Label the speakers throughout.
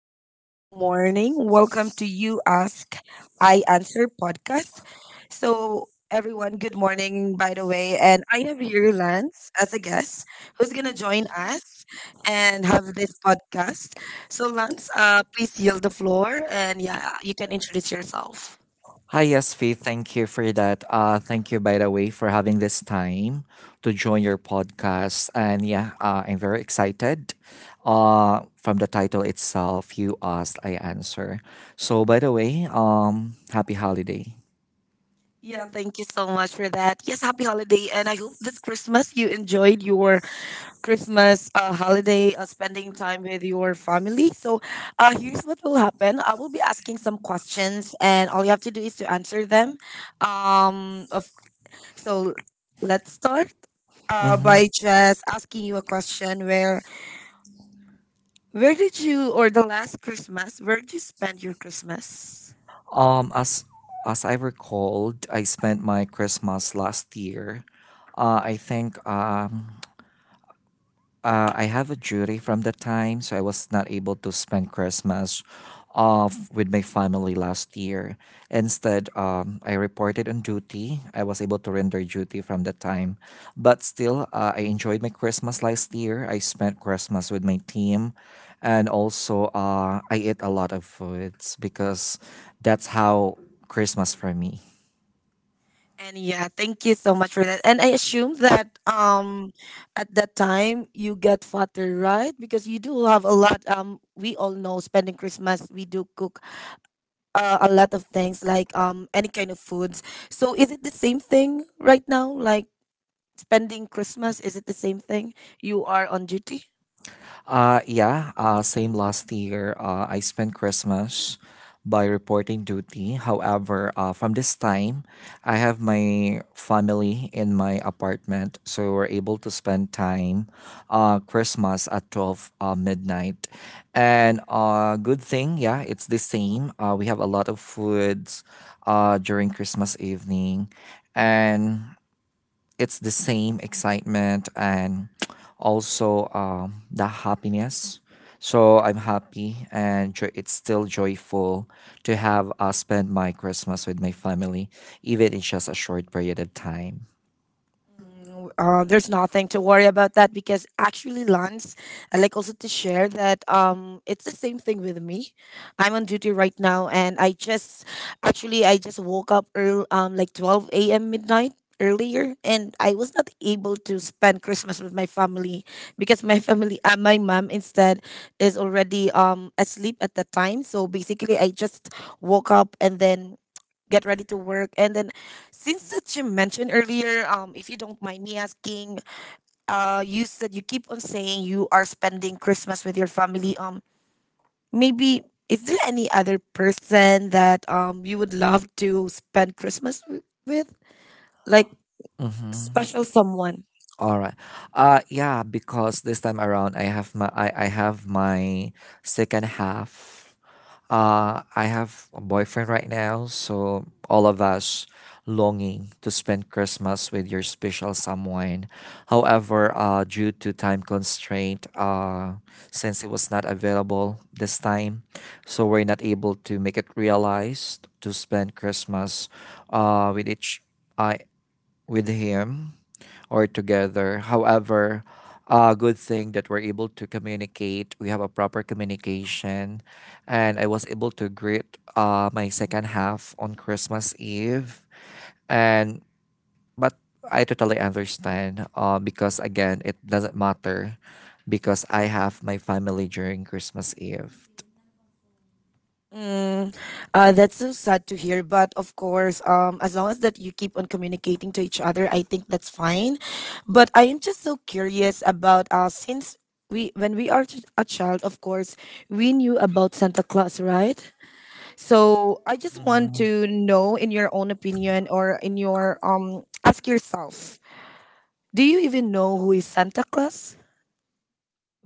Speaker 1: everyone. Good morning. Welcome to You Ask, I Answer podcast. So, everyone, good morning, by the way. And I have here Lance as a guest who's going to join us and have this podcast. So, Lance, please yield the floor, and yeah, you can introduce yourself.
Speaker 2: Hi, yes, Faith. Thank you for that. Thank you, by the way, for having this time to join your podcast. And yeah, I'm very excited. From the title itself, you asked, I answer. So, by the way, happy holiday.
Speaker 1: Yeah, thank you so much for that. Yes, happy holiday. And I hope this Christmas you enjoyed your Christmas holiday, spending time with your family. So, here's what will happen. I will be asking some questions, and all you have to do is to answer them. Of so let's start.
Speaker 2: hmm
Speaker 1: By just asking you a question where did you, or the last Christmas, where did you spend your Christmas?
Speaker 2: Um, as as I recalled, I spent my Christmas last year. I think I have a duty from that time, so I was not able to spend Christmas off with my family last year. Instead, I reported on duty. I was able to render duty from that time, but still, I enjoyed my Christmas last year. I spent Christmas with my team, and also I ate a lot of foods because that's how Christmas for me.
Speaker 1: And yeah, thank you so much for that. And I assume that at that time you get fatter, right? Because you do have a lot. We all know spending Christmas we do cook a lot of things, like any kind of foods. So is it the same thing right now, like spending Christmas, is it the same thing? You are on duty?
Speaker 2: Yeah, same last year. I spent Christmas by reporting duty. However, from this time, I have my family in my apartment, so we're able to spend time Christmas at 12 midnight. And good thing, yeah, it's the same. We have a lot of foods during Christmas evening. And it's the same excitement and also the happiness. So I'm happy and it's still joyful to have spent my Christmas with my family, even in just a short period of time.
Speaker 1: There's nothing to worry about that, because actually, Lance, I like also to share that it's the same thing with me. I'm on duty right now, and I just woke up early, like 12 a.m. midnight earlier, and I was not able to spend Christmas with my family because my my mom instead is already asleep at that time. So basically, I just woke up and then get ready to work, and then, since that you mentioned earlier, if you don't mind me asking, you said you keep on saying you are spending Christmas with your family. Maybe, is there any other person that you would love to spend Christmas with, like
Speaker 2: Mm-hmm.
Speaker 1: special someone?
Speaker 2: All right. Yeah, because this time around I have my second half. I have a boyfriend right now, so all of us longing to spend Christmas with your special someone. However, due to time constraint, since it was not available this time, so we're not able to make it realized to spend Christmas with each I with him or together. However, a good thing that we're able to communicate. We have a proper communication, and I was able to greet my second half on Christmas Eve. And but I totally understand because again, it doesn't matter because I have my family during Christmas Eve.
Speaker 1: Mm, that's so sad to hear, but of course, as long as that you keep on communicating to each other, I think that's fine. But I am just so curious about, since we when we are a child, of course, we knew about Santa Claus, right? So I just want
Speaker 2: Mhm.
Speaker 1: to know, in your own opinion, or in your ask yourself, do you even know who is Santa Claus?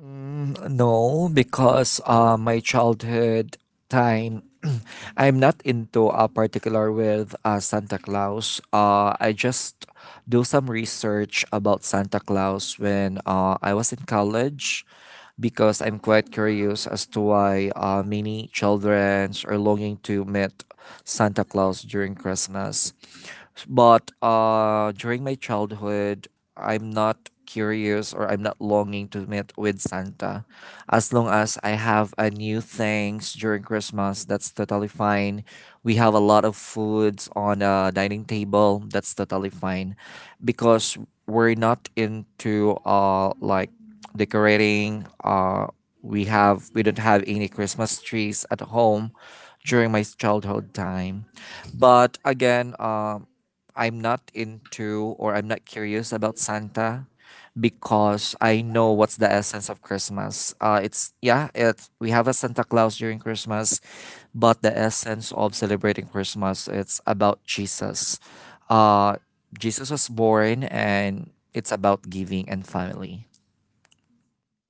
Speaker 2: No, because my childhood time, I'm not into a particular with Santa Claus. I just do some research about Santa Claus when I was in college because I'm quite curious as to why many children are longing to meet Santa Claus during Christmas. But during my childhood, I'm not curious or I'm not longing to meet with Santa. As long as I have a new things during Christmas, that's totally fine. We have a lot of foods on a dining table. That's totally fine, because we're not into like decorating. We don't have any Christmas trees at home during my childhood time. But again, I'm not into or I'm not curious about Santa because I know what's the essence of Christmas. It's Yeah, it we have a Santa Claus during Christmas, but the essence of celebrating Christmas it's about Jesus. Uh, Jesus was born, and it's about giving and family.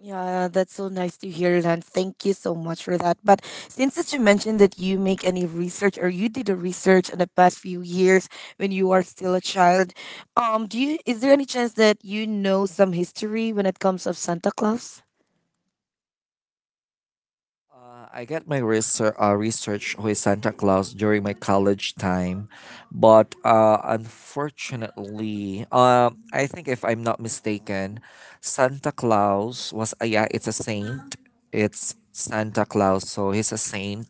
Speaker 1: Yeah, that's so nice to hear, and thank you so much for that. But since that you mentioned that you make any research or you did a research in the past few years when you are still a child, do you is there any chance that you know some history when it comes of Santa Claus?
Speaker 2: I got my research with Santa Claus during my college time, but unfortunately, I think if I'm not mistaken, Santa Claus was a yeah, it's a saint. It's Santa Claus, so he's a saint,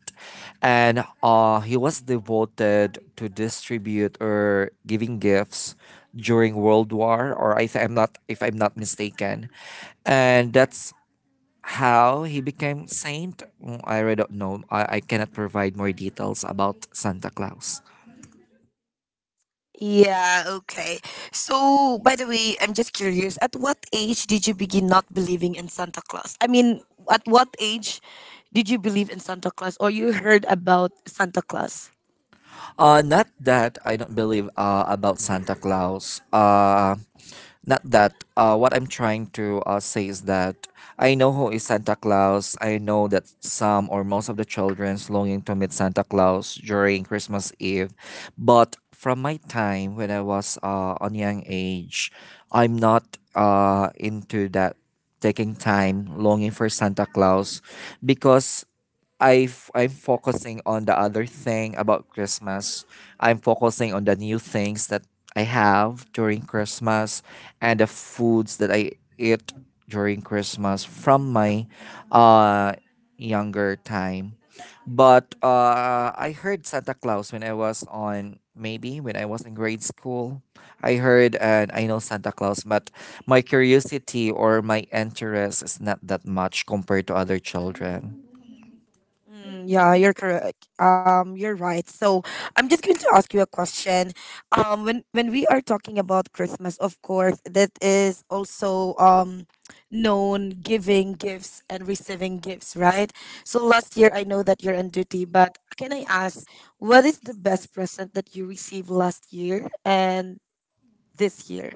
Speaker 2: and he was devoted to distribute or giving gifts during World War, or I'm not if I'm not mistaken, and that's how he became saint. I really don't know. I cannot provide more details about Santa Claus.
Speaker 1: Yeah, okay. So, by the way, I'm just curious, at what age did you begin not believing in Santa Claus? I mean, at what age did you believe in Santa Claus or you heard about Santa Claus?
Speaker 2: Not that I don't believe about Santa Claus. Not that. What I'm trying to say is that I know who is Santa Claus. I know that some or most of the children's longing to meet Santa Claus during Christmas Eve. But from my time when I was on young age, I'm not into that taking time longing for Santa Claus because I'm focusing on the other thing about Christmas. I'm focusing on the new things that I have during Christmas and the foods that I eat during Christmas from my uh younger time. But I heard Santa Claus when I was in grade school. I heard and I know Santa Claus, but my curiosity or my interest is not that much compared to other children.
Speaker 1: Mm, yeah, you're correct. You're right. So I'm just going to ask you a question. When we are talking about Christmas, of course, that is also known giving gifts and receiving gifts, right? So last year, I know that you're on duty, but can I ask, what is the best present that you received last year and this year?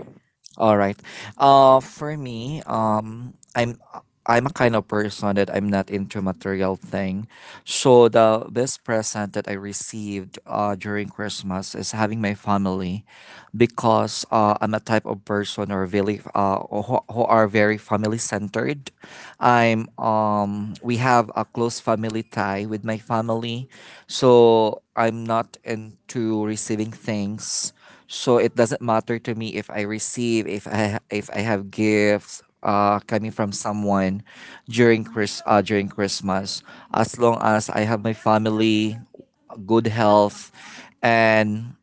Speaker 2: All right. For me, I'm a kind of person that I'm not into material thing. So the best present that I received during Christmas is having my family, because I'm a type of person or really who are very family centered. I'm We have a close family tie with my family, so I'm not into receiving things. So it doesn't matter to me if I receive if I ha- if I have gifts coming from someone during Chris during Christmas as long as I have my family, good health, and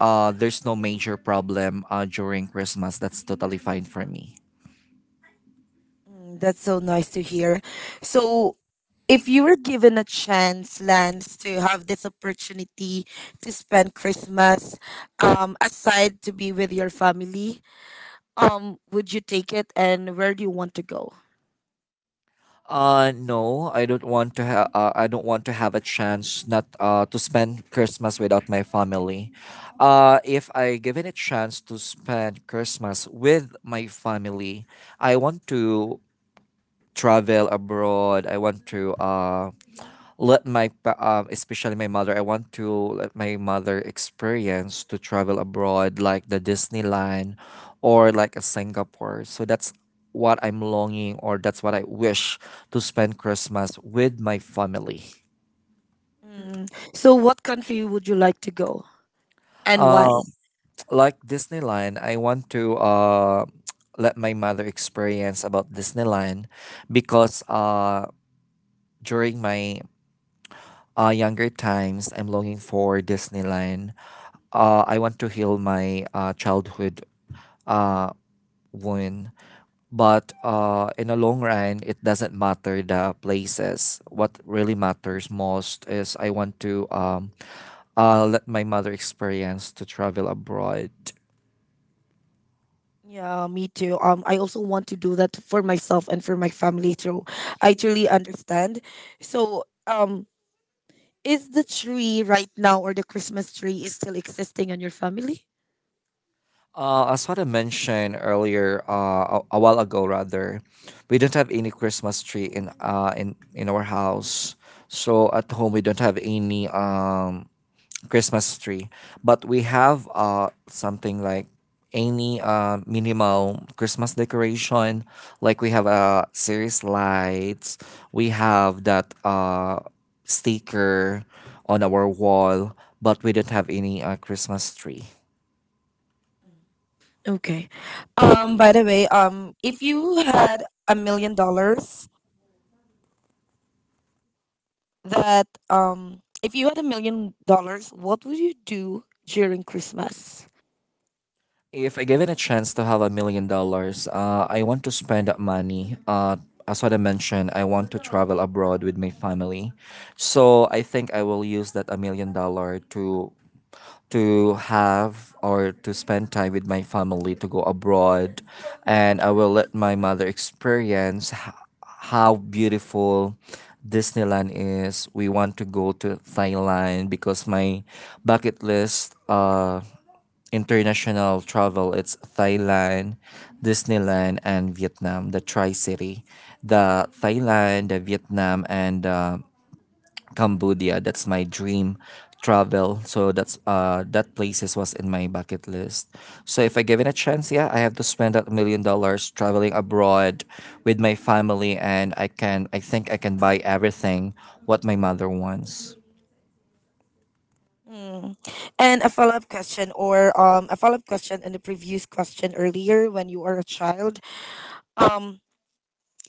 Speaker 2: there's no major problem during Christmas. That's totally fine for me.
Speaker 1: That's so nice to hear. So, if you were given a chance, Lance, to have this opportunity to spend Christmas, aside to be with your family, would you take it, and where do you want to go?
Speaker 2: No, I don't want to have a chance not to spend Christmas without my family. If I given a chance to spend Christmas with my family, I want to travel abroad. I want to especially my mother I want to let my mother experience to travel abroad like the Disneyland or like a Singapore. So that's what I'm longing or that's what I wish to spend Christmas with my family.
Speaker 1: Mm. So, what country would you like to go, and why?
Speaker 2: uh like Disneyland, I want to let my mother experience about Disneyland because during my younger times I'm longing for Disneyland. I want to heal my childhood uh, wound. But in the long run, it doesn't matter the places. What really matters most is I want to let my mother experience to travel abroad.
Speaker 1: Yeah, me too. I also want to do that for myself and for my family too. I truly understand. So, is the tree right now, or the Christmas tree, is still existing on your family?
Speaker 2: As what I mentioned earlier, a while ago rather, we don't have any Christmas tree in our house. So at home we don't have any Christmas tree. But we have something like any minimal Christmas decoration. Like we have series lights. We have that sticker on our wall, but we don't have any Christmas tree.
Speaker 1: Okay. By the way, if you had $1 million, that if you had $1 million, what would you do during Christmas?
Speaker 2: If I given a chance to have $1 million, I want to spend that money. As what I mentioned, I want to travel abroad with my family. So I think I will use that $1 million to have or to spend time with my family to go abroad, and I will let my mother experience how beautiful Disneyland is. We want to go to Thailand because my bucket list international travel it's Thailand, Disneyland, and Vietnam. The tri-city, the Thailand, the Vietnam, and Cambodia. That's my dream travel. So that places was in my bucket list. So if I given a chance, yeah, I have to spend that million dollars traveling abroad with my family, and I think I can buy everything what my mother wants.
Speaker 1: Mm. And a follow up question, in the previous question earlier, when you were a child. Um.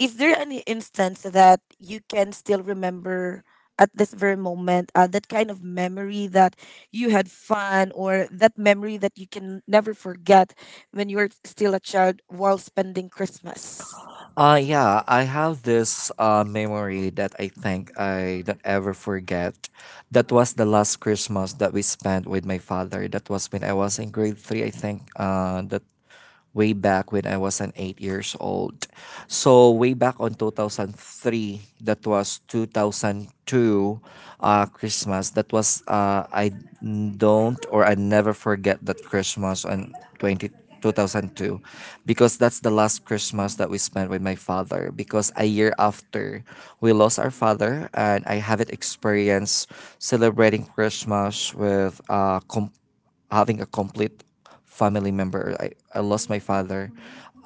Speaker 1: Is there any instance that you can still remember at this very moment, that kind of memory that you had fun, or that memory that you can never forget when you were still a child while spending Christmas?
Speaker 2: Yeah, I have this memory that I think I don't ever forget. That was the last Christmas that we spent with my father. That was when I was in grade 3, I think. That way back when I was an 8 years old. So way back on 2003, that was 2002 Christmas. That was I don't or I never forget that Christmas on 20 2002, because that's the last Christmas that we spent with my father because a year after we lost our father, and I haven't experienced celebrating Christmas having a complete family member. I lost my father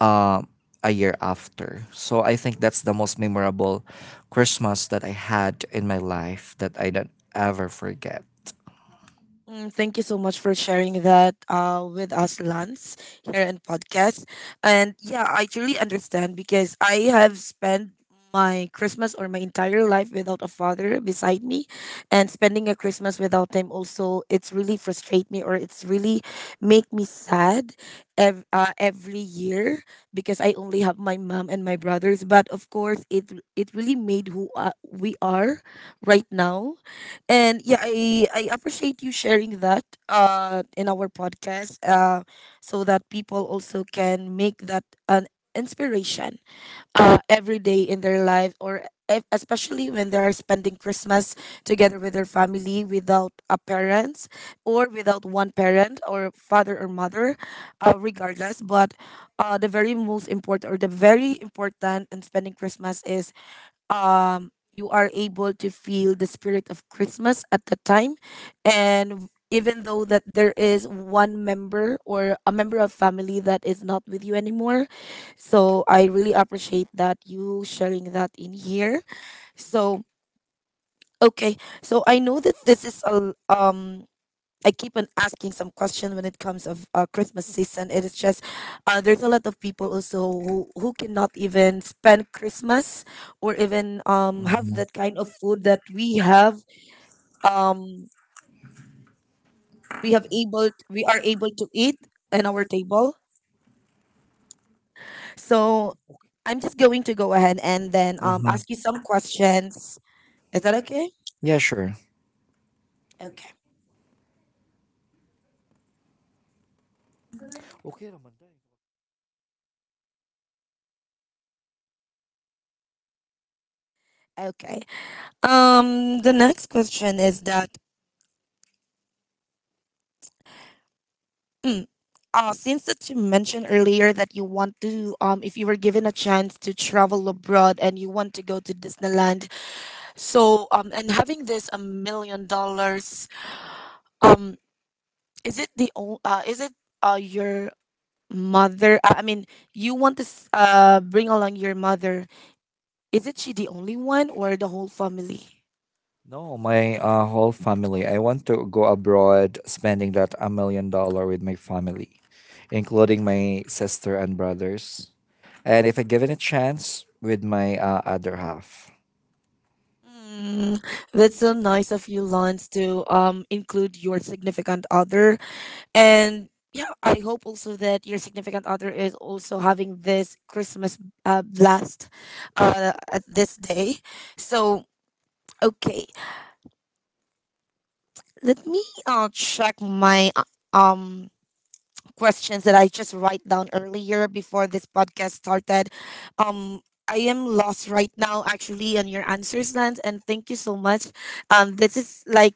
Speaker 2: um, a year after. So I think that's the most memorable Christmas that I had in my life that I don't ever forget.
Speaker 1: Thank you so much for sharing that with us, Lance, here in podcast. And yeah, I truly understand, because I have spent my Christmas, or my entire life, without a father beside me, and spending a Christmas without him also, it's really frustrate me, or it's really make me sad every year, because I only have my mom and my brothers. But of course, it really made who we are right now. And yeah, I appreciate you sharing that in our podcast, so that people also can make that an inspiration every day in their life, or especially when they are spending Christmas together with their family without a parent, or without one parent, or father or mother, regardless. But the very most important, or the very important in spending Christmas, is um you are able to feel the spirit of Christmas at the time, and even though that there is one member, or a member of family that is not with you anymore. So I really appreciate that you sharing that in here. So, okay. So I know that this is a l- I keep on asking some question when it comes of Christmas season. It is just, there's a lot of people also, who cannot even spend Christmas, or even have
Speaker 2: Mhm.
Speaker 1: that kind of food that we have, um we have able we are able to eat in our table. So I'm just going to go ahead, and then ask you some
Speaker 2: Mhm.
Speaker 1: questions. Is that okay?
Speaker 2: Yeah, sure.
Speaker 1: Okay.
Speaker 2: Okay naman dai.
Speaker 1: Okay. The next question is that since that you mentioned earlier that you want to, if you were given a chance to travel abroad and you want to go to Disneyland, so and having this $1 million, um, is it your mother? I mean, you want to bring along your mother. Is it she the only one, or the whole family?
Speaker 2: No, my whole family. I want to go abroad spending that $1 million with my family, including my sister and brothers. And if I given a chance with my other half.
Speaker 1: Mm, that's so nice of you, Lance, to include your significant other. And yeah, I hope also that your significant other is also having this Christmas blast at this day. So, okay, let me check my um questions that I just write down earlier before this podcast started. Um, I am lost right now, actually, on your answers, Lance, and thank you so much. This is like,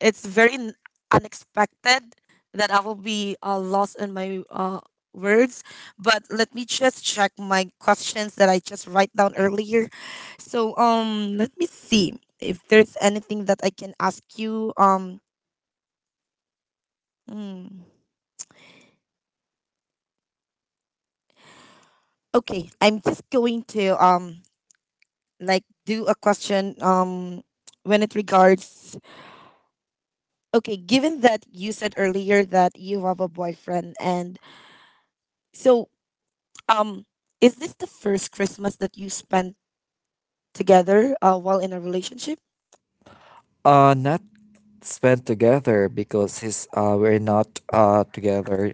Speaker 1: it's very unexpected that I will be lost in my words. But let me just check my questions that I just write down earlier. So let me see if there's anything that I can ask you. Mm, okay, I'm just going to like do a question, when it regards. Okay, given that you said earlier that you have a boyfriend, and so Um, is this the first Christmas that you spent together, while in a relationship?
Speaker 2: Not spent together because his we're not together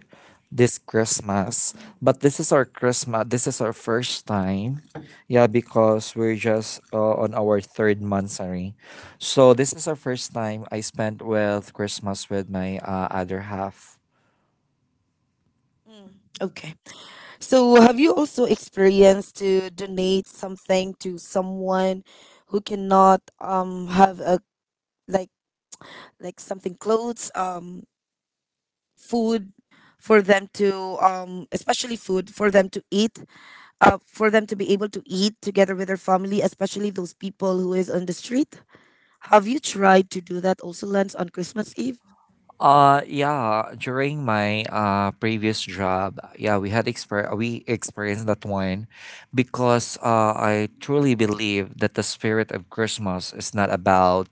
Speaker 2: this Christmas. But this is our Christmas. This is our first time. Yeah, because we're just on our third month, sorry. So this is our first time I spent with Christmas with my other half.
Speaker 1: Mm, okay. So, have you also experienced to donate something to someone who cannot have a, like like something, clothes, food, for them to, especially food for them to eat, for them to be able to eat together with their family, especially those people who is on the street? Have you tried to do that also, lens, on Christmas Eve?
Speaker 2: Yeah, during my previous job, yeah, we experienced that one because I truly believe that the spirit of Christmas is not about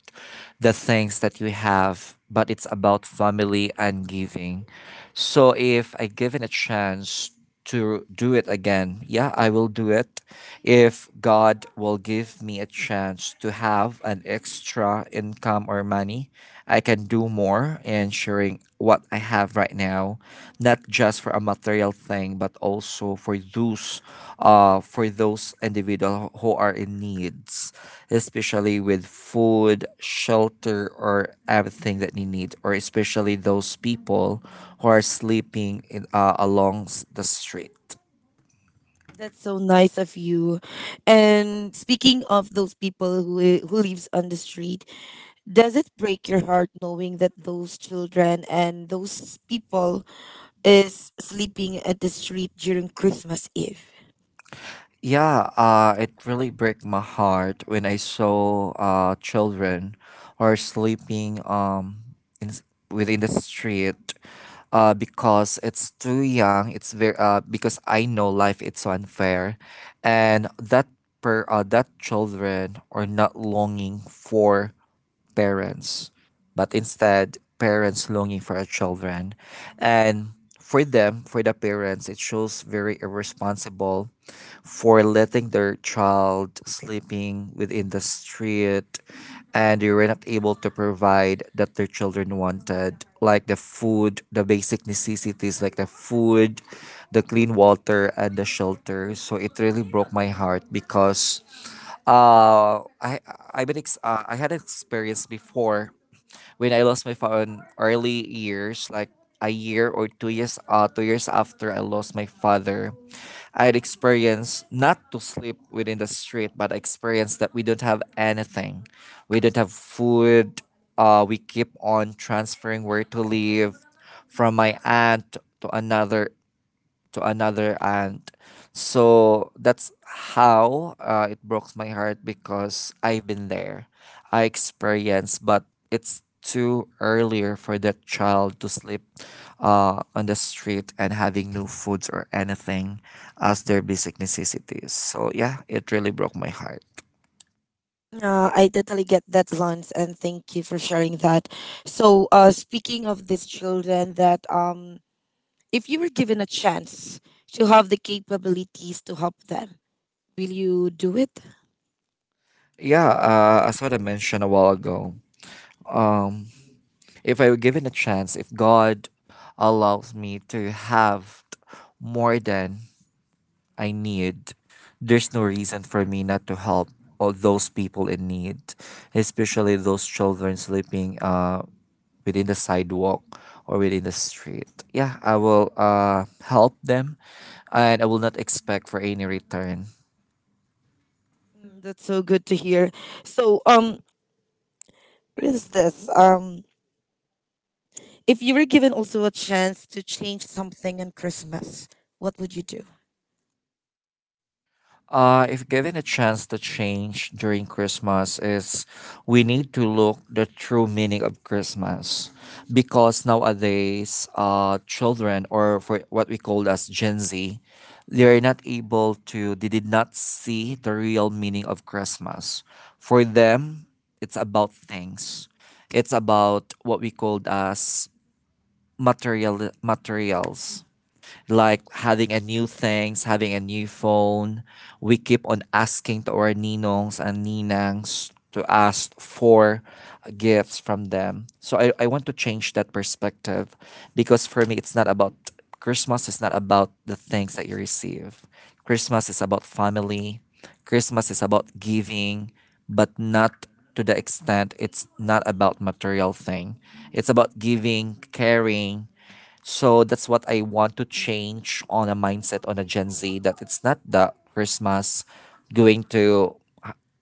Speaker 2: the things that you have, but it's about family and giving. So if I given a chance to do it again, yeah, I will do it if God will give me a chance to have an extra income or money, I can do more in sharing what I have right now, not just for a material thing, but also for those, for those individuals who are in needs, especially with food, shelter, or everything that they need, or especially those people who are sleeping along the street.
Speaker 1: That's so nice of you. And speaking of those people who lives on the street, does it break your heart knowing that those children and those people is sleeping at the street during Christmas Eve?
Speaker 2: Yeah, it really broke my heart when I saw children are sleeping in, s- within the street because it's too young. It's very because I know life it's so unfair, and that children are not longing for parents, but instead parents longing for our children. And for them, for the parents, it shows very irresponsible for letting their child sleeping within the street, and they were not able to provide that their children wanted, like the food, the basic necessities like the food, the clean water and the shelter. So it really broke my heart because I I've been ex- I had an experience before when I lost my phone early years, like a year or 2 years after I lost my father. I had experienced not to sleep within the street, but experience that we don't have anything. We don't have food. We keep on transferring where to live from my aunt to another aunt. So that's how it broke my heart because I've been there. I experienced, but it's too earlier for that child to sleep on the street and having no foods or anything as their basic necessities. So yeah, it really broke my heart.
Speaker 1: I totally get that, Lance, and thank you for sharing that. So, speaking of these children, that, if you were given a chance to have the capabilities to help them, will you do it?
Speaker 2: Yeah, as what I mentioned a while ago, um, if I were given a chance, if God allows me to have more than I need. There's no reason for me not to help all those people in need, especially those children sleeping within the sidewalk or within the street. Yeah, I will help them and I will not expect for any return.
Speaker 1: That's so good to hear. So, what is this? If you were given also a chance to change something on Christmas, what would you do?
Speaker 2: If given a chance to change during Christmas, is we need to look the true meaning of Christmas, because nowadays, children or for what we call as Gen Z, they are not able to. They did not see the real meaning of Christmas. For them, it's about things. It's about what we called as materials like having a new things, having a new phone. We keep on asking to our ninongs and ninangs to ask for gifts from them. So I want to change that perspective because for me, it's not about Christmas, is not about the things that you receive. Christmas is about family, Christmas is about giving, but not to the extent it's not about material thing. It's about giving, caring, so that's what I want to change on a mindset on a Gen Z that it's not the Christmas going to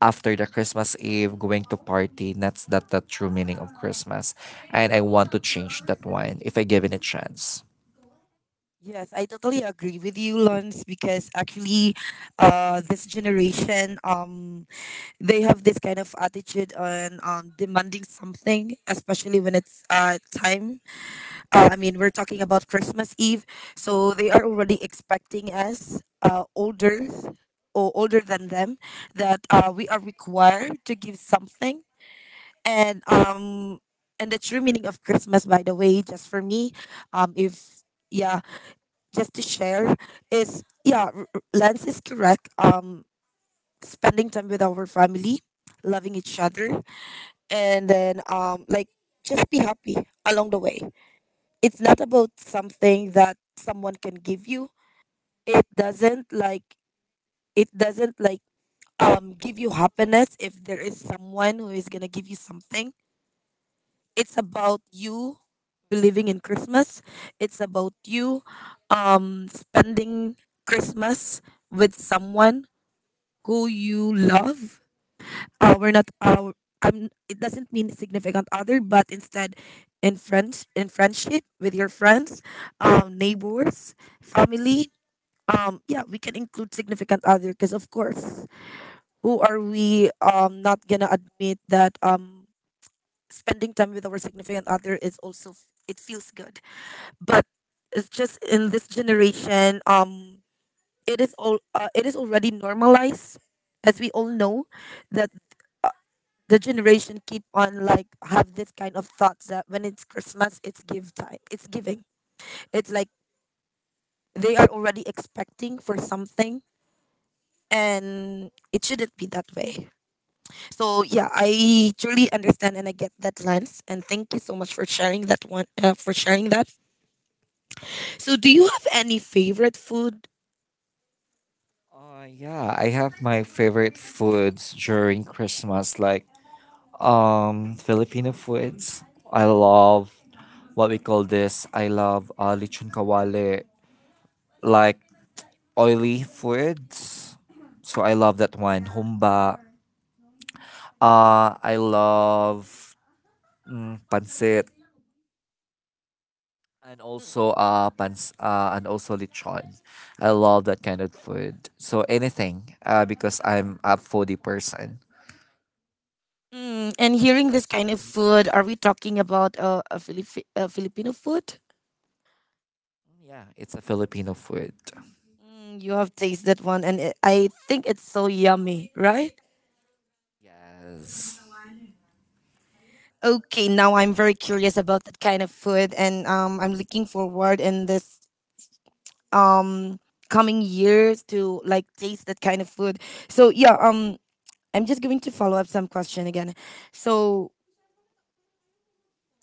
Speaker 2: after the Christmas Eve going to party. That's not the true meaning of Christmas. And I want to change that one if I given a chance.
Speaker 1: Yes, I totally agree with you, Lance, because actually, this generation, they have this kind of attitude on, demanding something, especially when it's time. I mean, we're talking about Christmas Eve, so they are already expecting us, older, or older than them, that, we are required to give something, and um and the true meaning of Christmas, by the way, just for me, if, yeah, just to share, is, yeah, Lance is correct. Spending time with our family, loving each other, and then just be happy along the way. It's not about something that someone can give you. It doesn't like it doesn't like um give you happiness if there is someone who is gonna give you something. It's about you believing in Christmas. It's about you spending Christmas with someone who you love. We're not, it doesn't mean significant other, but instead in friendship with your friends, neighbors, family. Yeah, we can include significant other, because of course, who are we, not gonna admit that, spending time with our significant other is also, it feels good. But it's just in this generation, it is already normalized, as we all know, that the generation keep on like have this kind of thoughts that when it's Christmas, it's give time, it's giving. It's like they are already expecting for something, and it shouldn't be that way. So yeah, I truly understand and I get that lens, and thank you so much for sharing that one. For sharing that. So, do you have any favorite food?
Speaker 2: Yeah, I have my favorite foods during Christmas, like Filipino foods. I love what we call this. I love lechon kawale, like oily foods. So I love that one. Humba. I love pancit, and also and also lechon. I love that kind of food. So anything because I'm a foodie person.
Speaker 1: Mm, and hearing this kind of food, are we talking about a Filipino food?
Speaker 2: Yeah, it's a Filipino food.
Speaker 1: Mm, you have tasted one, and I think it's so yummy, right?
Speaker 2: Yes.
Speaker 1: Okay, now I'm very curious about that kind of food, and I'm looking forward in this um coming years to like taste that kind of food. So yeah, I'm just going to follow up some question again. So,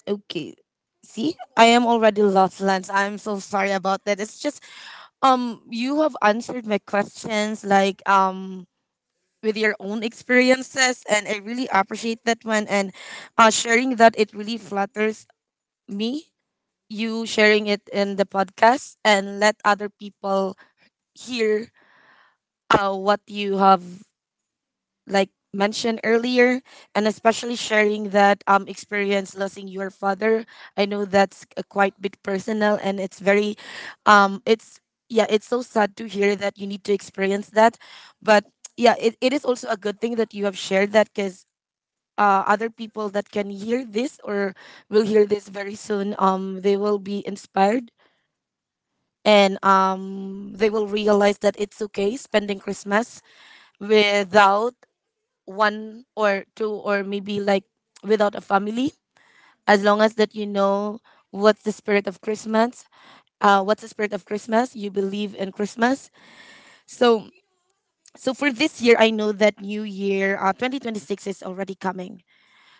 Speaker 1: okay, see, I am already lost, Lance. I'm so sorry about that. It's just you have answered my questions like with your own experiences, and I really appreciate that one. And sharing that, it really flatters me, you sharing it in the podcast and let other people hear what you have like mentioned earlier, and especially sharing that experience losing your father. I know that's a quite bit personal, and it's very, it's yeah, it's so sad to hear that you need to experience that. But yeah, it is also a good thing that you have shared that, because other people that can hear this or will hear this very soon, they will be inspired. And they will realize that it's okay spending Christmas without one or two, or maybe like without a family, as long as that you know what's the spirit of Christmas, you believe in Christmas. So, so, for this year, I know that New Year, 2026 is already coming.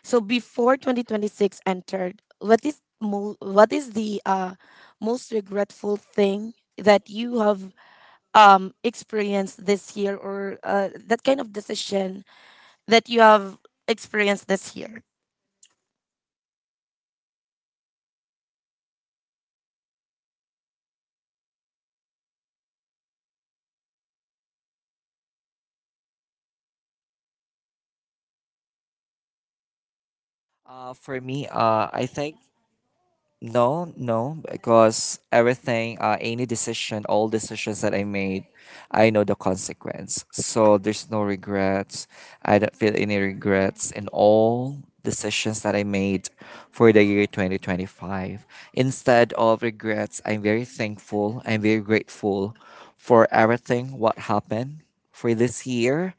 Speaker 1: So before 2026 entered, what is the most regretful thing that you have experienced this year, or that kind of decision that you have experienced this year.
Speaker 2: For I think. No, no, because everything, any decision, all decisions that I made, I know the consequence. So there's no regrets. I don't feel any regrets in all decisions that I made for the year 2025. Instead of regrets, I'm very thankful. I'm very grateful for everything what happened for this year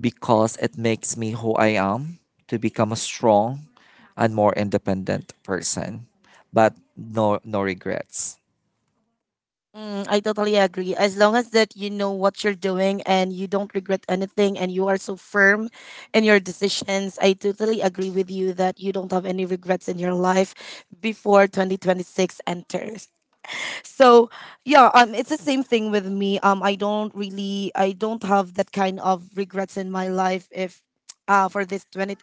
Speaker 2: because it makes me who I am to become a strong and more independent person, but no, no regrets.
Speaker 1: Mm, I totally agree. As long as that you know what you're doing, and you don't regret anything, and you are so firm in your decisions, I totally agree with you that you don't have any regrets in your life before 2026 enters. So yeah, it's the same thing with me. I don't have that kind of regrets in my life, if for this twenty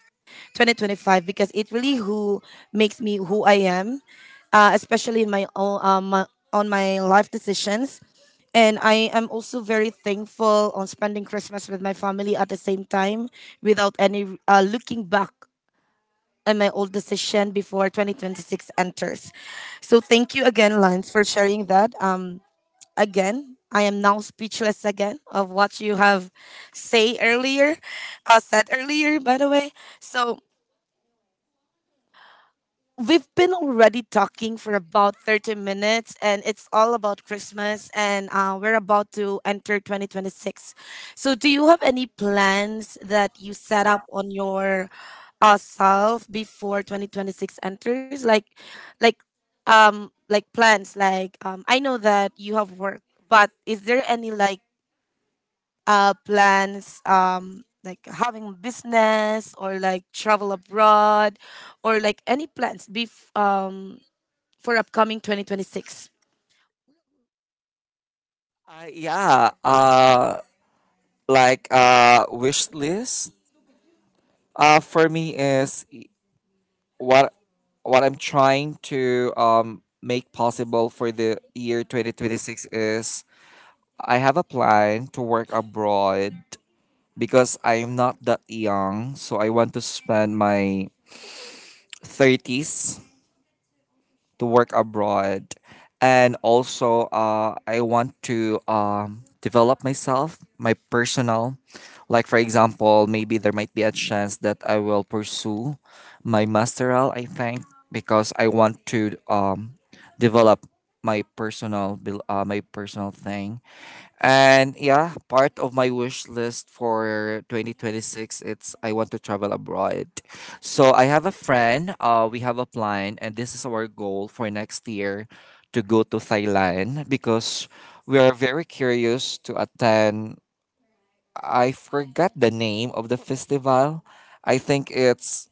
Speaker 1: twenty twenty five, because it really who makes me who I am, especially in my own on my life decisions. And I am also very thankful on spending Christmas with my family, at the same time without any looking back and my old decision before 2026 enters. So thank you again, Lance, for sharing that. Again, I am now speechless again of what you have say earlier, said earlier, by the way. So, we've been already talking for about 30 minutes, and it's all about Christmas, and we're about to enter 2026. So, do you have any plans that you set up on your self before 2026 enters? Like, like plans, like, I know that you have work, but is there any like plans, like having business, or like travel abroad, or like any plans for upcoming 2026?
Speaker 2: Yeah, like, wish list. For me is what what I'm trying to make possible for the year 2026 is I have a plan to work abroad because I'm not that young, so I want to spend my 30s to work abroad, and also I want to develop myself, my personal. Like for example, maybe there might be a chance that I will pursue my masteral. I think because I want to develop my personal thing, and yeah, part of my wish list for 2026 it's I want to travel abroad. So I have a friend, we have a plan and this is our goal for next year to go to Thailand because we are very curious to attend. I forgot the name of the festival. I think it's,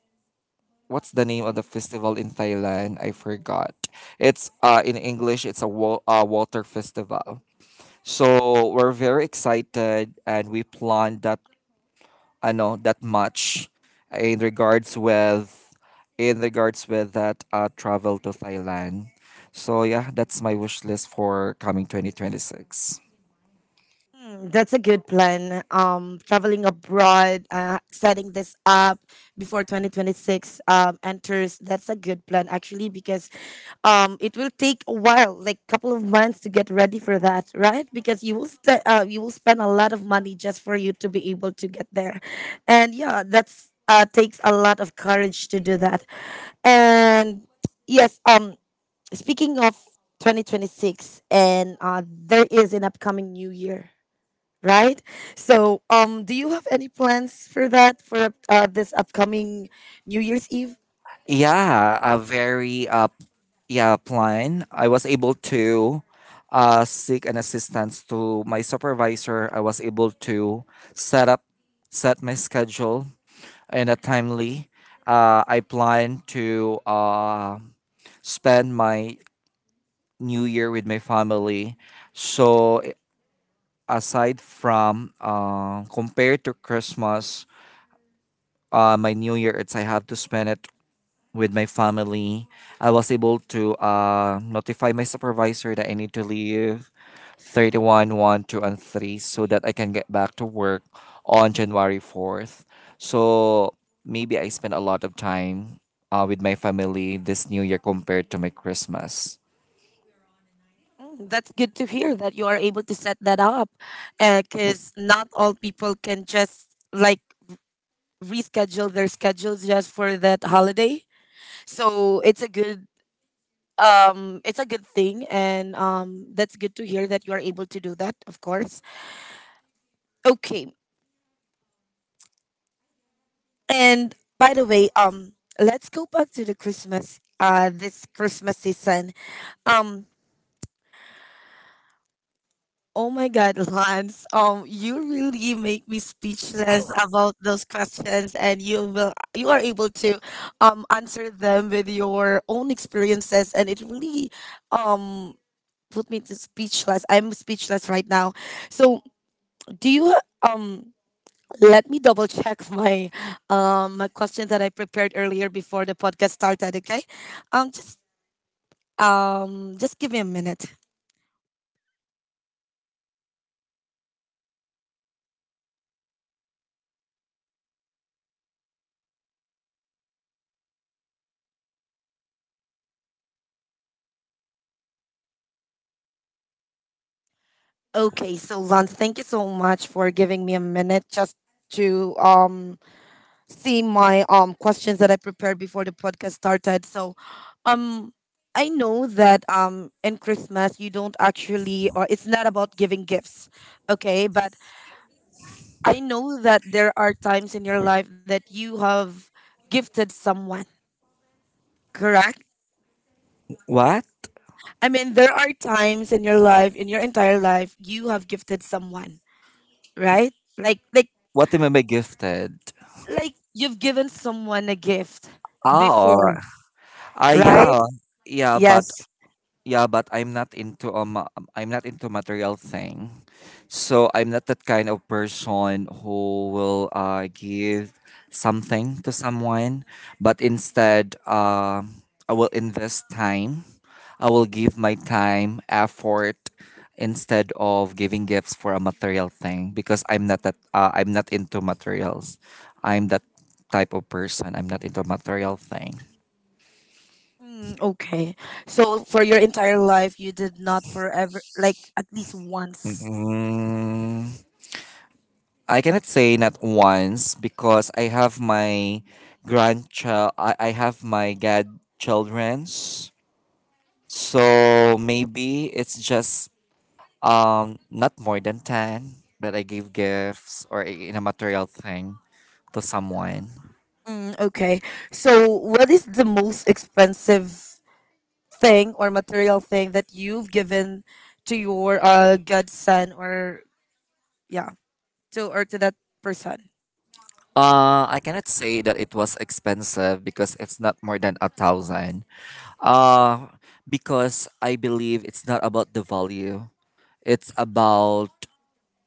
Speaker 2: what's the name of the festival in Thailand? I forgot. It's in English, it's a water festival. So we're very excited and we planned that. I know that much in regards with that travel to Thailand. So yeah, that's my wish list for coming 2026.
Speaker 1: Mm, that's a good plan. Traveling abroad, setting this up before 2026 enters. That's a good plan actually, because it will take a while, like couple of months to get ready for that, right? Because you will you will spend a lot of money just for you to be able to get there, and yeah, that's takes a lot of courage to do that. And yes, speaking of 2026, and there is an upcoming new year, right? So, do you have any plans for that, for this upcoming New Year's Eve?
Speaker 2: Yeah, a very yeah plan. I was able to seek an assistance to my supervisor. I was able to set up set my schedule and a timely. I plan to spend my New Year with my family. So, aside from, compared to Christmas, my New Year it's I have to spend it with my family. I was able to notify my supervisor that I need to leave 31, one, two, and 3 so that I can get back to work on January 4th. So maybe I spent a lot of time with my family this new year compared to my Christmas.
Speaker 1: Mm, that's good to hear that you are able to set that up, because not all people can just like reschedule their schedules just for that holiday. So it's a good, thing, and that's good to hear that you are able to do that, of course. Okay. And by the way, let's go back to the Christmas, this Christmas season, um oh my God, Lance. You really make me speechless about those questions, and you are able to answer them with your own experiences, and it really um put me to speechless. I'm speechless right now. So, do you um let me double check my question that I prepared earlier before the podcast started, okay? Um, just just give me a minute. Okay, so Lance, thank you so much for giving me a minute, just to see my questions that I prepared before the podcast started. So, um I know that in Christmas you don't actually, or it's not about giving gifts, okay? But I know that there are times in your life that you have gifted someone, correct?
Speaker 2: What?
Speaker 1: I mean, there are times in your life, in your entire life, you have gifted someone, right? Like like
Speaker 2: What am I gifted?
Speaker 1: like you've given someone a gift
Speaker 2: Ah, all
Speaker 1: before,
Speaker 2: right. Ah,
Speaker 1: right?
Speaker 2: yeah. Yeah, but
Speaker 1: Yes.
Speaker 2: Yeah, but I'm not into material thing. So I'm not that kind of person who will give something to someone, but instead, I will invest time. I will give my time, effort instead of giving gifts for a material thing because I'm not into materials. I'm that type of person. I'm not into material thing.
Speaker 1: Mm, okay. So for your entire life, you did not forever, like at least once.
Speaker 2: Mm-mm. I cannot say not once because I have my grandchild. I have my godchildrens. So maybe it's just not more than 10 that I give gifts, or in a material thing to someone.
Speaker 1: Mm, okay. So what is the most expensive thing or material thing that you've given to your godson, or yeah, to that person?
Speaker 2: I cannot say that it was expensive because it's not more than 1,000. Uh, because I believe it's not about the value. It's about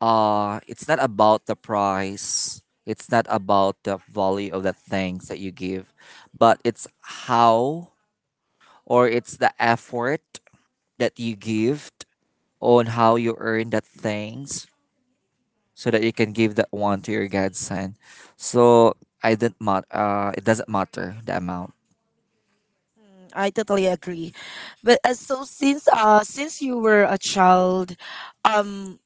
Speaker 2: it's not about the price, it's not about the value of the things that you give, but it's how, or it's the effort that you give on how you earn that things so that you can give that one to your godson. So I didn't mat- it doesn't matter the amount.
Speaker 1: Mm, I totally agree. But so since you were a child, um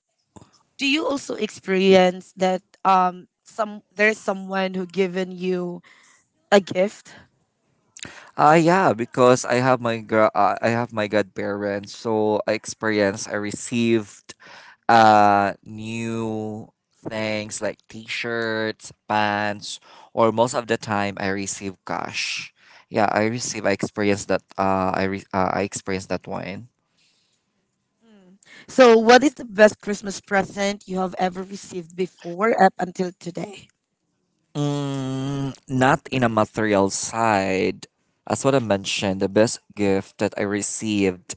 Speaker 1: do you also experience that some, there's someone who given you a gift?
Speaker 2: Yeah, because I have my godparents so I received new things like t-shirts, pants, or most of the time I receive cash. Yeah, I experienced that, I re- I experienced that one.
Speaker 1: Mm. So what is the best Christmas present you have ever received before, up until today?
Speaker 2: Not in a material side. As what I mentioned, the best gift that I received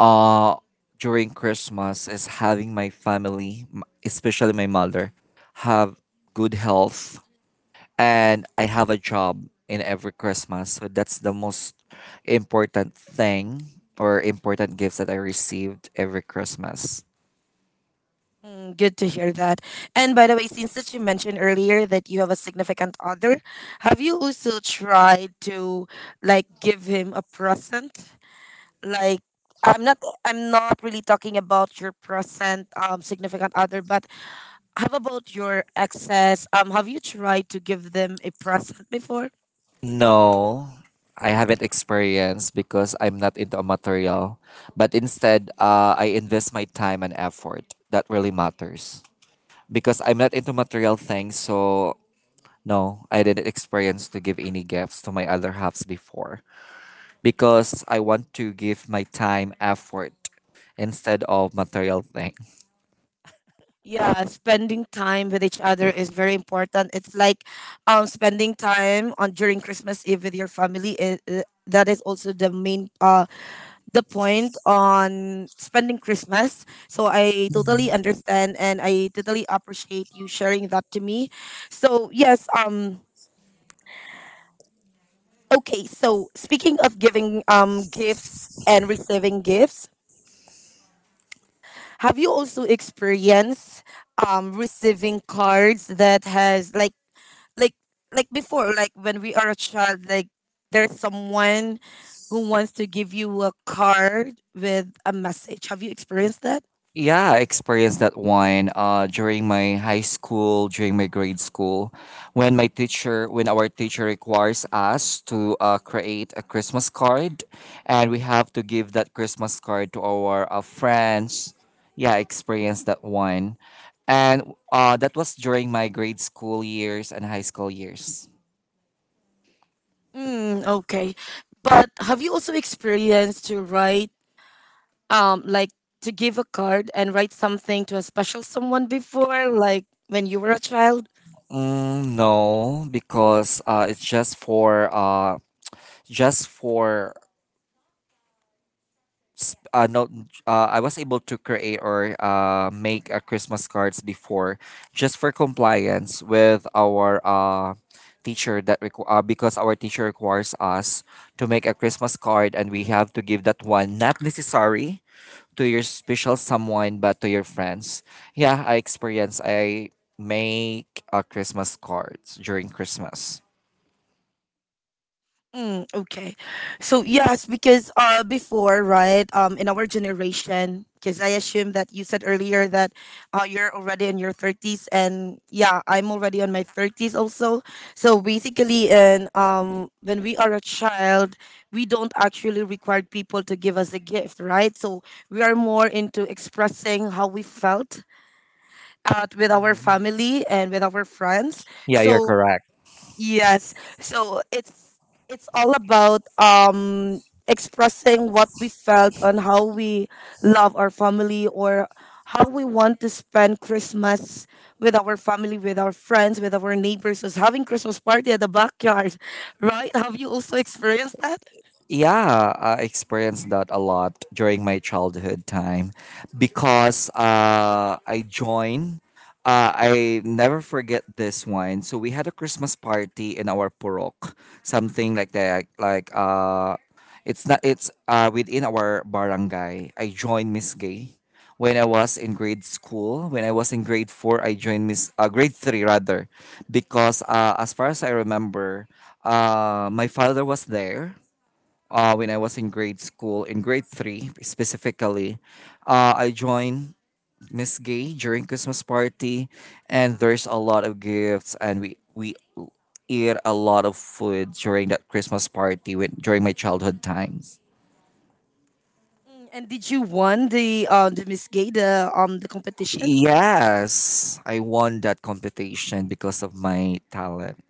Speaker 2: uh during Christmas is having my family, especially my mother have good health, and I have a job in every Christmas. So that's the most important thing or important gifts that I received every Christmas.
Speaker 1: Mm, good to hear that. And by the way, since that you mentioned earlier that you have a significant other, have you also tried to like give him a present? Like, I'm not I'm not really talking about your present, significant other, but how about your exes? Have you tried to give them a present before?
Speaker 2: No, I haven't experienced because I'm not into a material. But instead, I invest my time and effort. That really matters. Because
Speaker 1: Mm.
Speaker 2: I'm not into material things, so no, I didn't experience to give any gifts to my other halves before. Because I want to give my time, effort instead of material thing.
Speaker 1: Yeah, spending time with each other is very important. It's like spending time on during Christmas Eve with your family. That is also the main, the point on spending Christmas. So I totally understand, and I totally appreciate you sharing that to me. So yes, okay, so speaking of giving gifts and receiving gifts, have you also experienced receiving cards that has like, like before, like when we are a child, like there's someone who wants to give you a card with a message. Have you experienced that?
Speaker 2: Yeah, I experienced that one during my high school, during my grade school, when our teacher requires us to create a Christmas card, and we have to give that Christmas card to our friends. Yeah, I experienced that one, and that was during my grade school years and high school years.
Speaker 1: Mm, okay. But have you also experienced to write, like to give a card and write something to a special someone before, like when you were a child?
Speaker 2: No, because it's just for no, I was able to create or make a Christmas cards before, just for compliance with our teacher that because our teacher requires us to make a Christmas card and we have to give that one not necessary to your special someone but to your friends. Yeah, I make a Christmas cards during Christmas.
Speaker 1: Mm, okay. So yes, because before, right, in our generation, because I assume that you said earlier that you're already in your 30s, and yeah, I'm already on my 30s also. So basically, and when we are a child, we don't actually require people to give us a gift, right? So we are more into expressing how we felt at, with our
Speaker 2: Mhm.
Speaker 1: family and with our friends.
Speaker 2: Yeah, you're
Speaker 1: So,
Speaker 2: correct.
Speaker 1: yes. So it's all about expressing what we felt on how we love our family, or how we want to spend Christmas with our family, with our friends, with our neighbors, was having Christmas party at the backyard, right? Have you also experienced that?
Speaker 2: Yeah, I experienced that a lot during my childhood time, because I joined. I never forget this one. So we had a Christmas party in our purok, something like that. Like, it's not, it's, within our barangay. I joined Miss Gay when I was in grade school. When I was in grade 4, I joined Miss grade 3 rather, because as far as I remember, my father was there when I was in grade school, in grade 3 specifically, I joined Miss Gay during Christmas party, and there's a lot of gifts, and we eat a lot of food during that Christmas party when, during my childhood times.
Speaker 1: Mm, and did you won the Miss Gay, the competition?
Speaker 2: Yes, I won that competition because of my talent.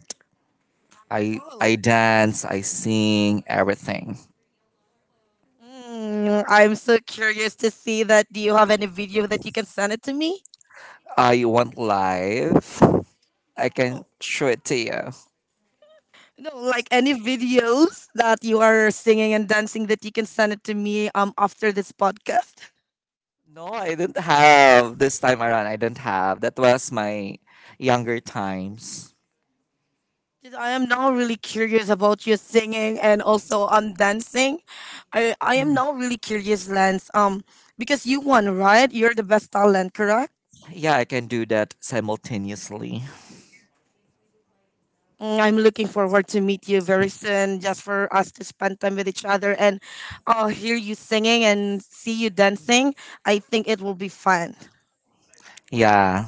Speaker 2: I
Speaker 1: Oh,
Speaker 2: dance, I sing, everything.
Speaker 1: mm, I'm so curious to see that. Do you have any video that you can send it to me?
Speaker 2: I want live. I
Speaker 1: No.
Speaker 2: can show it to you.
Speaker 1: No, like any videos that you are singing and dancing that you can send it to me after this podcast.
Speaker 2: No, I didn't have this time around. I didn't have. That was my younger times.
Speaker 1: 'Cause I am now really curious about your singing, and also dancing. I am now really curious, Lance. Because you won, right? You're the best talent, correct?
Speaker 2: Yeah, I can do that simultaneously.
Speaker 1: Mm, I'm looking forward to meet you very soon, just for us to spend time with each other and I'll hear you singing and see you dancing. I think it will be fun.
Speaker 2: Yeah.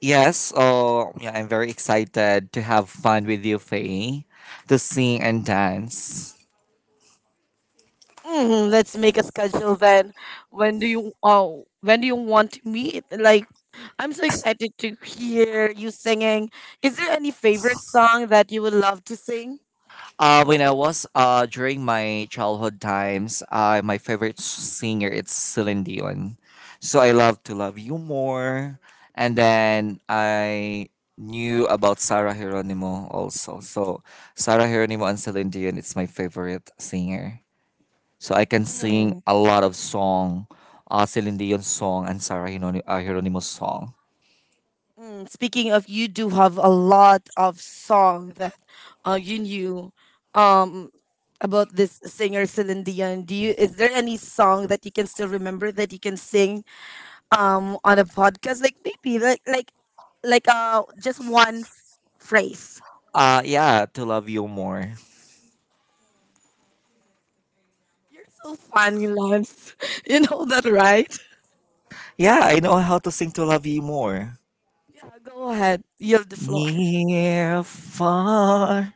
Speaker 2: Yes. Oh, yeah. I'm very excited to have fun with you, Faye, to sing and dance.
Speaker 1: Mm, let's make a schedule then. When do you when do you want to meet? Like I'm so excited to hear you singing. Is there any favorite song that you would love to sing?
Speaker 2: When I was during my childhood times, my favorite singer it's Celine Dion. So I love to love you more, and then I knew about Sarah Geronimo also. So Sarah Geronimo and Celine Dion, it's my favorite singer. So I can sing
Speaker 1: Mm,
Speaker 2: a lot of song, Celine Dion song and Sarah Geronimo, Geronimo song.
Speaker 1: mm. Speaking of, you do have a lot of song that you knew um, about this singer Celine Dion. Do you? Is there any song that you can still remember that you can sing on a podcast? Like maybe just one phrase.
Speaker 2: Yeah, to love you more.
Speaker 1: You're so funny, Lance. You know that, right?
Speaker 2: Yeah, I know how to sing to love you more.
Speaker 1: Yeah, go ahead. You have the floor.
Speaker 2: Near, far,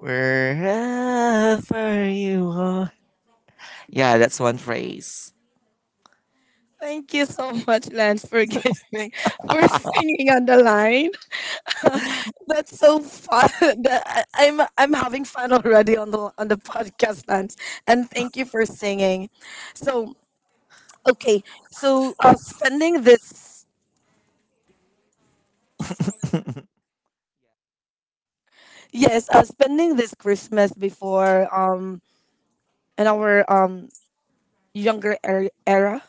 Speaker 2: wherever you are. Yeah, that's one phrase.
Speaker 1: Thank you so much, Lance, for giving for singing on the line. That's so fun. I'm having fun already on the podcast, Lance. And thank you for singing. So okay, so spending this Christmas before in our younger era.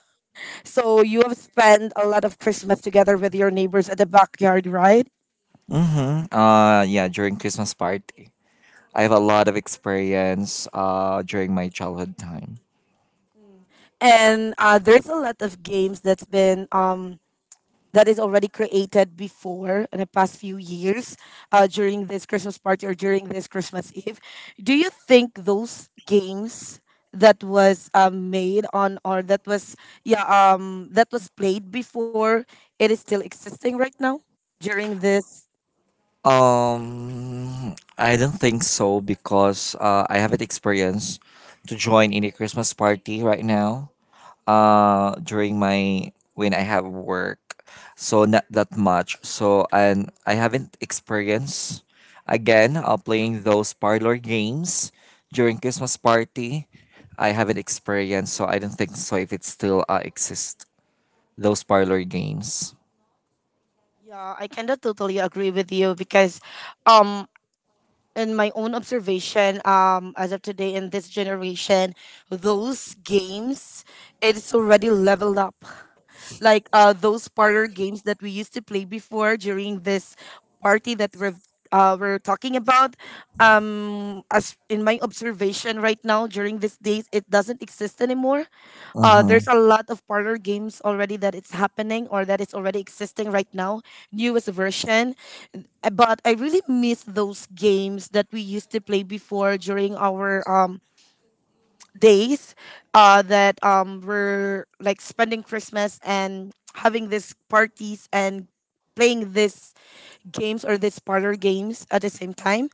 Speaker 1: So you have spent a lot of Christmas together with your neighbors at the backyard, right?
Speaker 2: Mm-hmm. Yeah, during Christmas party, I have a lot of experience. During my childhood time.
Speaker 1: Mm. And there's a lot of games that's been that is already created before in the past few years during this Christmas party or during this Christmas Eve. Do you think those games that was made on or that was yeah that was played before, it is still existing right now during this?
Speaker 2: Um, I don't think so because I haven't experienced to join any Christmas party right now, during my when I have work. So not that much. So and I haven't experienced again, playing those parlor games during Christmas party. I haven't experienced, so I don't think so if it still exists. Those parlor games.
Speaker 1: Yeah, I kinda totally agree with you because um in my own observation, as of today in this generation, those games, it's already leveled up, like those parlor games that we used to play before during this party that we're talking about. As in my observation right now during these days, it doesn't exist anymore. There's a
Speaker 2: Mm-hmm.
Speaker 1: lot of parlor games already that it's happening or that it's already existing right now, newest version. Uh, But I really miss those games that we used to play before during our days that were like spending Christmas and having these parties and playing these games or these parlor games at the same time.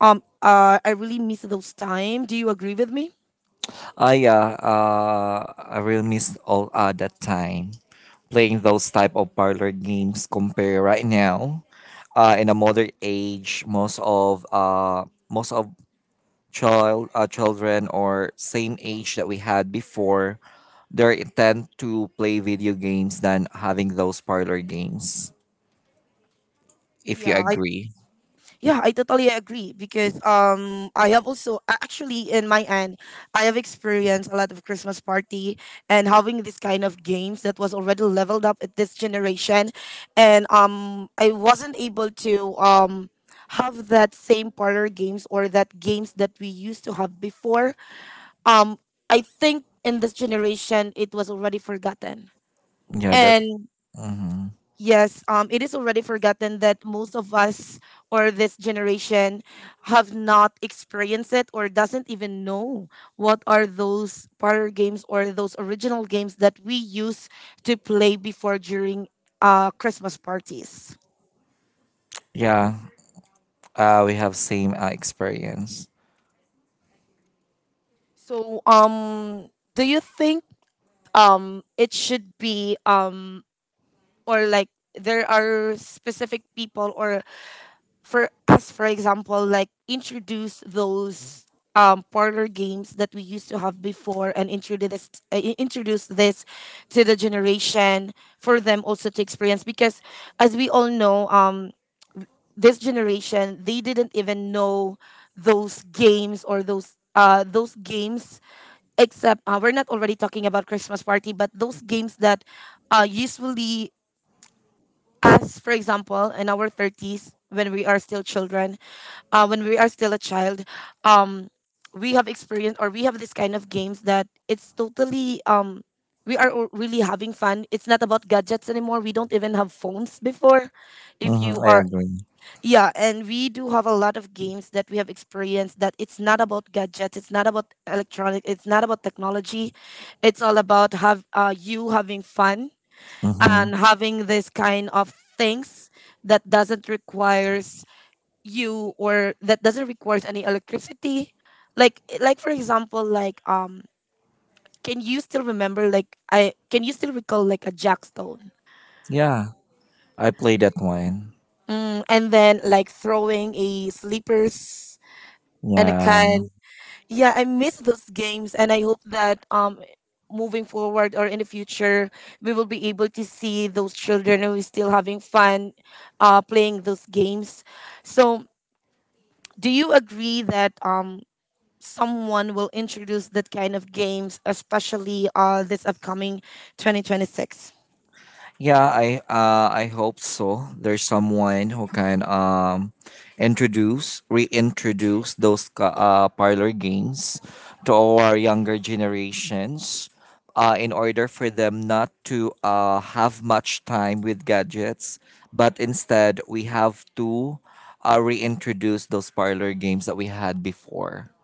Speaker 1: I really miss those time. Do you agree with me?
Speaker 2: Ah, yeah, I really missed all that time playing those type of parlor games compare right now, in a modern age, most of child, children or same age that we had before, they tend to play video games than having those parlor games. If you
Speaker 1: Yeah, I
Speaker 2: agree,
Speaker 1: Yeah, I totally agree because I have also actually in my end I have experienced a lot of Christmas party and having this kind of games that was already leveled up at this generation, and I wasn't able to have that same parlor games or that games that we used to have before. Um I think in this generation it was already forgotten.
Speaker 2: yeah, that,
Speaker 1: And
Speaker 2: hmm,
Speaker 1: yes, it is already forgotten that most of us or this generation have not experienced it or doesn't even know what are those parlor games or those original games that we used to play before during Christmas parties.
Speaker 2: yeah. We have same experience.
Speaker 1: So, do you think it should be or like there are specific people or for us, for example, like introduce those parlor games that we used to have before and introduce this introduce this to the generation for them also to experience? Because as we all know, this generation, they didn't even know those games or those games. Except we're not already talking about Christmas party, but those games that usually, as for example, in our 30s when we are still children, when we are still a child, um, we have experienced or we have this kind of games that it's totally we are really having fun. It's not about gadgets anymore. We don't even have phones before, if you
Speaker 2: Mm-hmm, I
Speaker 1: are.
Speaker 2: agree.
Speaker 1: Yeah, and we do have a lot of games that we have experienced that it's not about gadgets, it's not about electronic, it's not about technology. It's all about have you having fun
Speaker 2: Mm-hmm.
Speaker 1: and having this kind of things that doesn't requires you or that doesn't requires any electricity. Like for example, like can you still remember, like I can you still recall like a jackstone?
Speaker 2: Yeah, I played that one.
Speaker 1: Mm, and then like throwing a sleepers and a
Speaker 2: Yeah.
Speaker 1: can. Yeah, I miss those games, and I hope that moving forward or in the future, we will be able to see those children who is still having fun, playing those games. So, do you agree that someone will introduce that kind of games, especially this upcoming 2026?
Speaker 2: Yeah, I hope so. There's someone who can introduce reintroduce those parlor games to our younger generations in order for them not to have much time with gadgets, but instead we have to reintroduce those parlor games that we had before.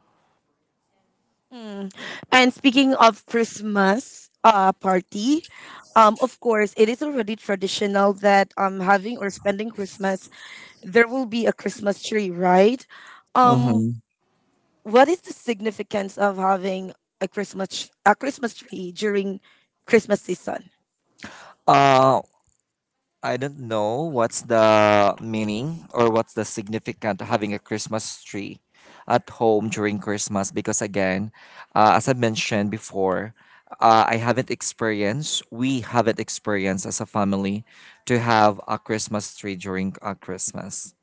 Speaker 1: Mm. And speaking of Christmas party, of course, it is already traditional that, having or spending Christmas, there will be a Christmas tree, right? Um,
Speaker 2: Mm-hmm.
Speaker 1: what is the significance of having a Christmas tree during Christmas season?
Speaker 2: Uh, I don't know what's the meaning or what's the significance of having a Christmas tree at home during Christmas because, again, as I mentioned before, I haven't experienced, we haven't experienced as a family to have a Christmas tree during Christmas.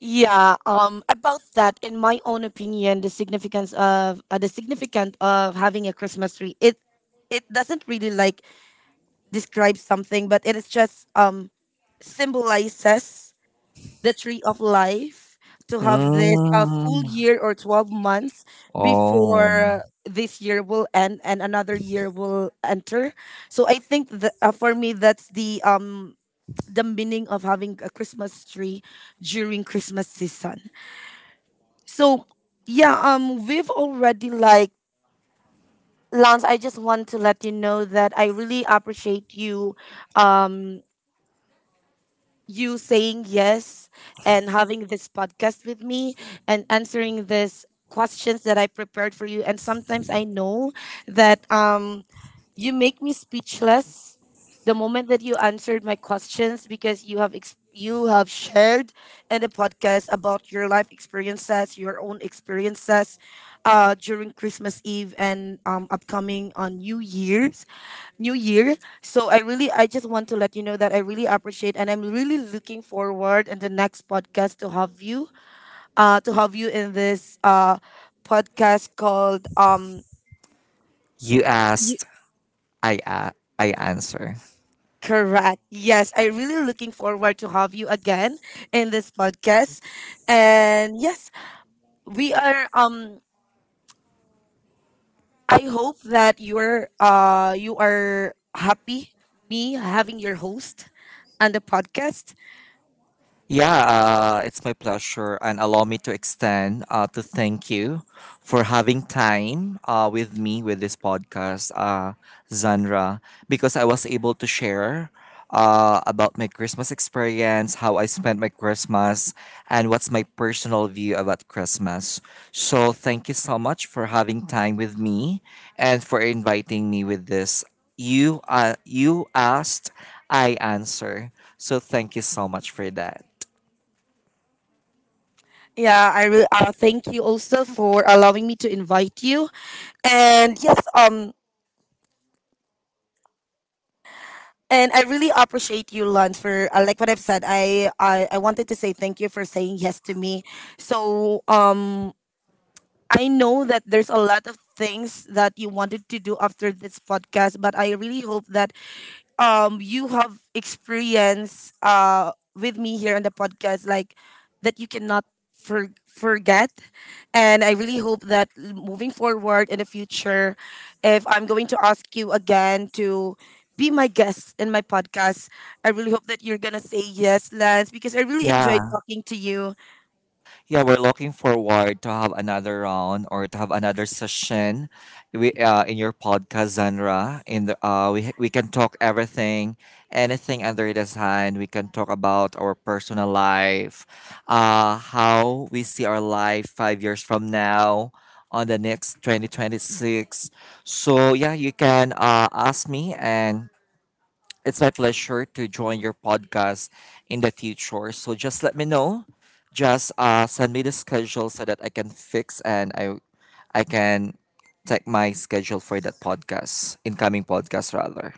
Speaker 1: Yeah, about that, in my own opinion, the significance of the significant of having a Christmas tree, it doesn't really like describe something, but it is just symbolizes the tree of life. To have this full
Speaker 2: Mm.
Speaker 1: year or 12 months
Speaker 2: Oh,
Speaker 1: before this year will end and another year will enter. So I think that, for me, that's the meaning of having a Christmas tree during Christmas season. So yeah, we've already like, Lance, I just want to let you know that I really appreciate you, um you saying yes and having this podcast with me and answering these questions that I prepared for you. And sometimes I know that, you make me speechless the moment that you answered my questions, because you have you have shared in the podcast about your life experiences, your own experiences during Christmas Eve and, upcoming on New Year's, New Year. So I really, I just want to let you know that I really appreciate and I'm really looking forward in the next podcast to have you in this podcast called,
Speaker 2: you asked, I, a- I answer.
Speaker 1: correct. Yes, I really looking forward to have you again in this podcast. And yes, we are I hope that you are happy me having your host on the podcast.
Speaker 2: Yeah, it's my pleasure, and allow me to extend to thank you for having time with me with this podcast, Zandra, because I was able to share about my Christmas experience, how I spent my Christmas, and what's my personal view about Christmas. So, thank you so much for having time with me and for inviting me with this. You asked, I answer. So, thank you so much for that.
Speaker 1: Yeah, thank you also for allowing me to invite you. And yes, and I really appreciate you, Lon, for like what I've said. I wanted to say thank you for saying yes to me. So I know that there's a lot of things that you wanted to do after this podcast, but I really hope that you have experience with me here on the podcast like that you cannot forget. And I really hope that moving forward in the future, if I'm going to ask you again to be my guest in my podcast, I really hope that you're going to say yes, Lance, because I really enjoyed
Speaker 2: Yeah,
Speaker 1: talking to you.
Speaker 2: yeah, we're looking forward to have another round or to have another session. We, in your podcast genre, In the we can talk everything, anything under the sun. We can talk about our personal life, how we see our life 5 years from now, on the next 2026. So yeah, you can ask me and it's my pleasure to join your podcast in the future. So just let me know. Just send me the schedule so that I can fix and I can take my schedule for that podcast, incoming podcast rather.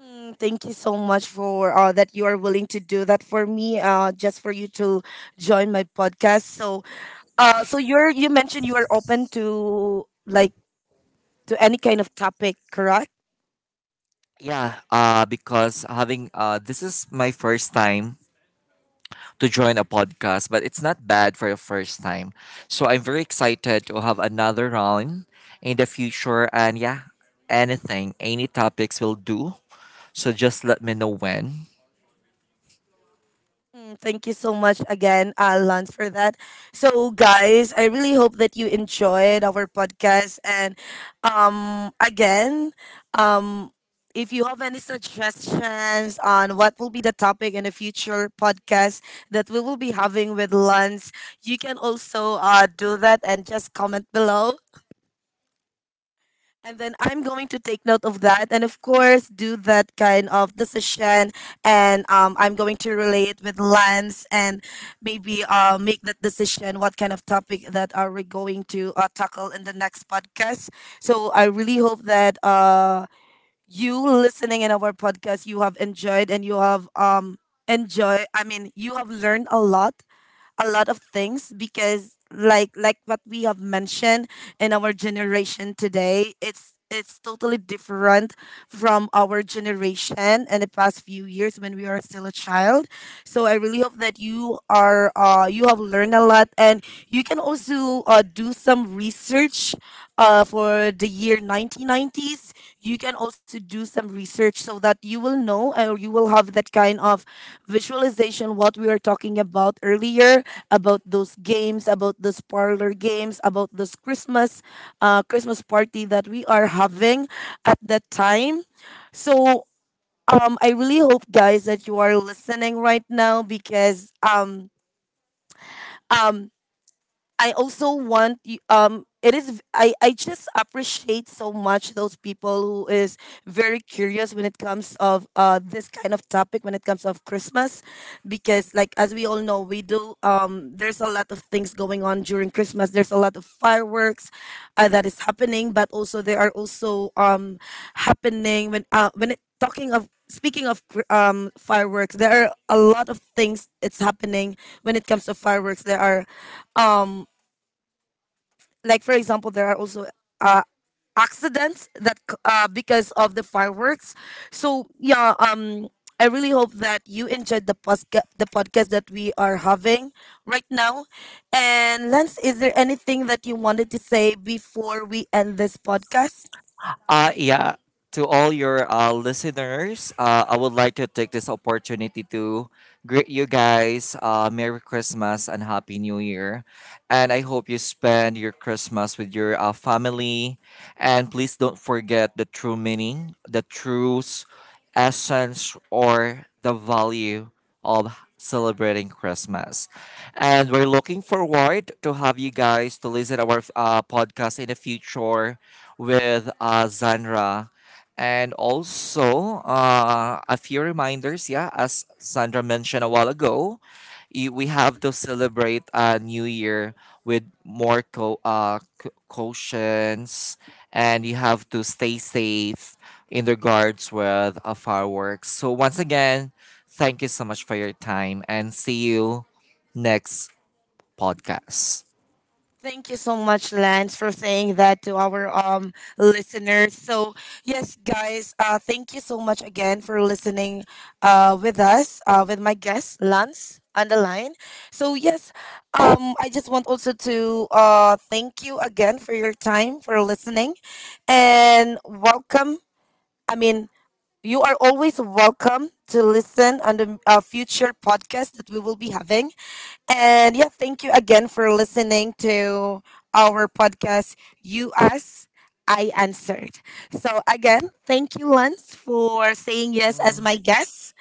Speaker 1: Mm, thank you so much for that you are willing to do that for me, just for you to join my podcast. So you mentioned you are open to like to any kind of topic, correct?
Speaker 2: Yeah, because having this is my first time to join a podcast, but it's not bad for a first time. So I'm very excited to have another round in the future, and yeah, anything, any topics will do. So just let me know when.
Speaker 1: Mm, thank you so much again, Lance, for that. So, guys, I really hope that you enjoyed our podcast. And um, again, um, if you have any suggestions on what will be the topic in a future podcast that we will be having with Lance, you can also do that and just comment below. And then I'm going to take note of that, and of course do that kind of decision. And I'm going to relate with Lance and maybe make that decision what kind of topic that are we going to tackle in the next podcast. So I really hope that you listening in our podcast, you have enjoyed and you have enjoy I mean you have learned a lot, a lot of things, because like what we have mentioned in our generation today, it's totally different from our generation in the past few years when we are still a child. So I really hope that you are, you have learned a lot. And you can also do some research for the year 1990s. You can also do some research so that you will know, or you will have that kind of visualization what we were talking about earlier, about those games, about those parlor games, about those Christmas Christmas party that we are having at that time. So, I really hope, guys, that you are listening right now, because um, I also want you, it is I just appreciate so much those people who is very curious when it comes of this kind of topic, when it comes of Christmas, because like, as we all know, we do, there's a lot of things going on during Christmas. There's a lot of fireworks that is happening, but also there are also happening when it talking of speaking of fireworks, there are a lot of things it's happening. When it comes to fireworks, there are um like for example, there are also uh, accidents that because of the fireworks. So yeah, I really hope that you enjoyed the the podcast that we are having right now. And Lance, is there anything that you wanted to say before we end this podcast?
Speaker 2: Yeah. To all your listeners, I would like to take this opportunity to greet you guys. Merry Christmas and Happy New Year. And I hope you spend your Christmas with your family. And please don't forget the true meaning, the essence, or the value of celebrating Christmas. And we're looking forward to have you guys to listen our podcast in the future with Zandra. And also, a few reminders. Yeah, as Sandra mentioned a while ago, we have to celebrate a new year with more cautions, and you have to stay safe in regards with fireworks. So once again, thank you so much for your time, and see you next podcast.
Speaker 1: Thank you so much, Lance, for saying that to our listeners. So yes, guys, thank you so much again for listening, with my guest Lance on the line. So yes, I just want also to thank you again for your time for listening, and welcome. I mean, you are always welcome to listen on the future podcast that we will be having. And yeah, thank you again for listening to our podcast, You Asked, I Answered. So, again, thank you, Lance, for saying yes as my guest.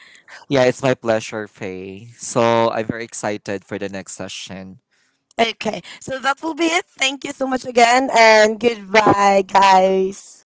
Speaker 2: Yeah, it's my pleasure, Faye. So I'm very excited for the next session.
Speaker 1: Okay, so that will be it. Thank you so much again, and goodbye, guys.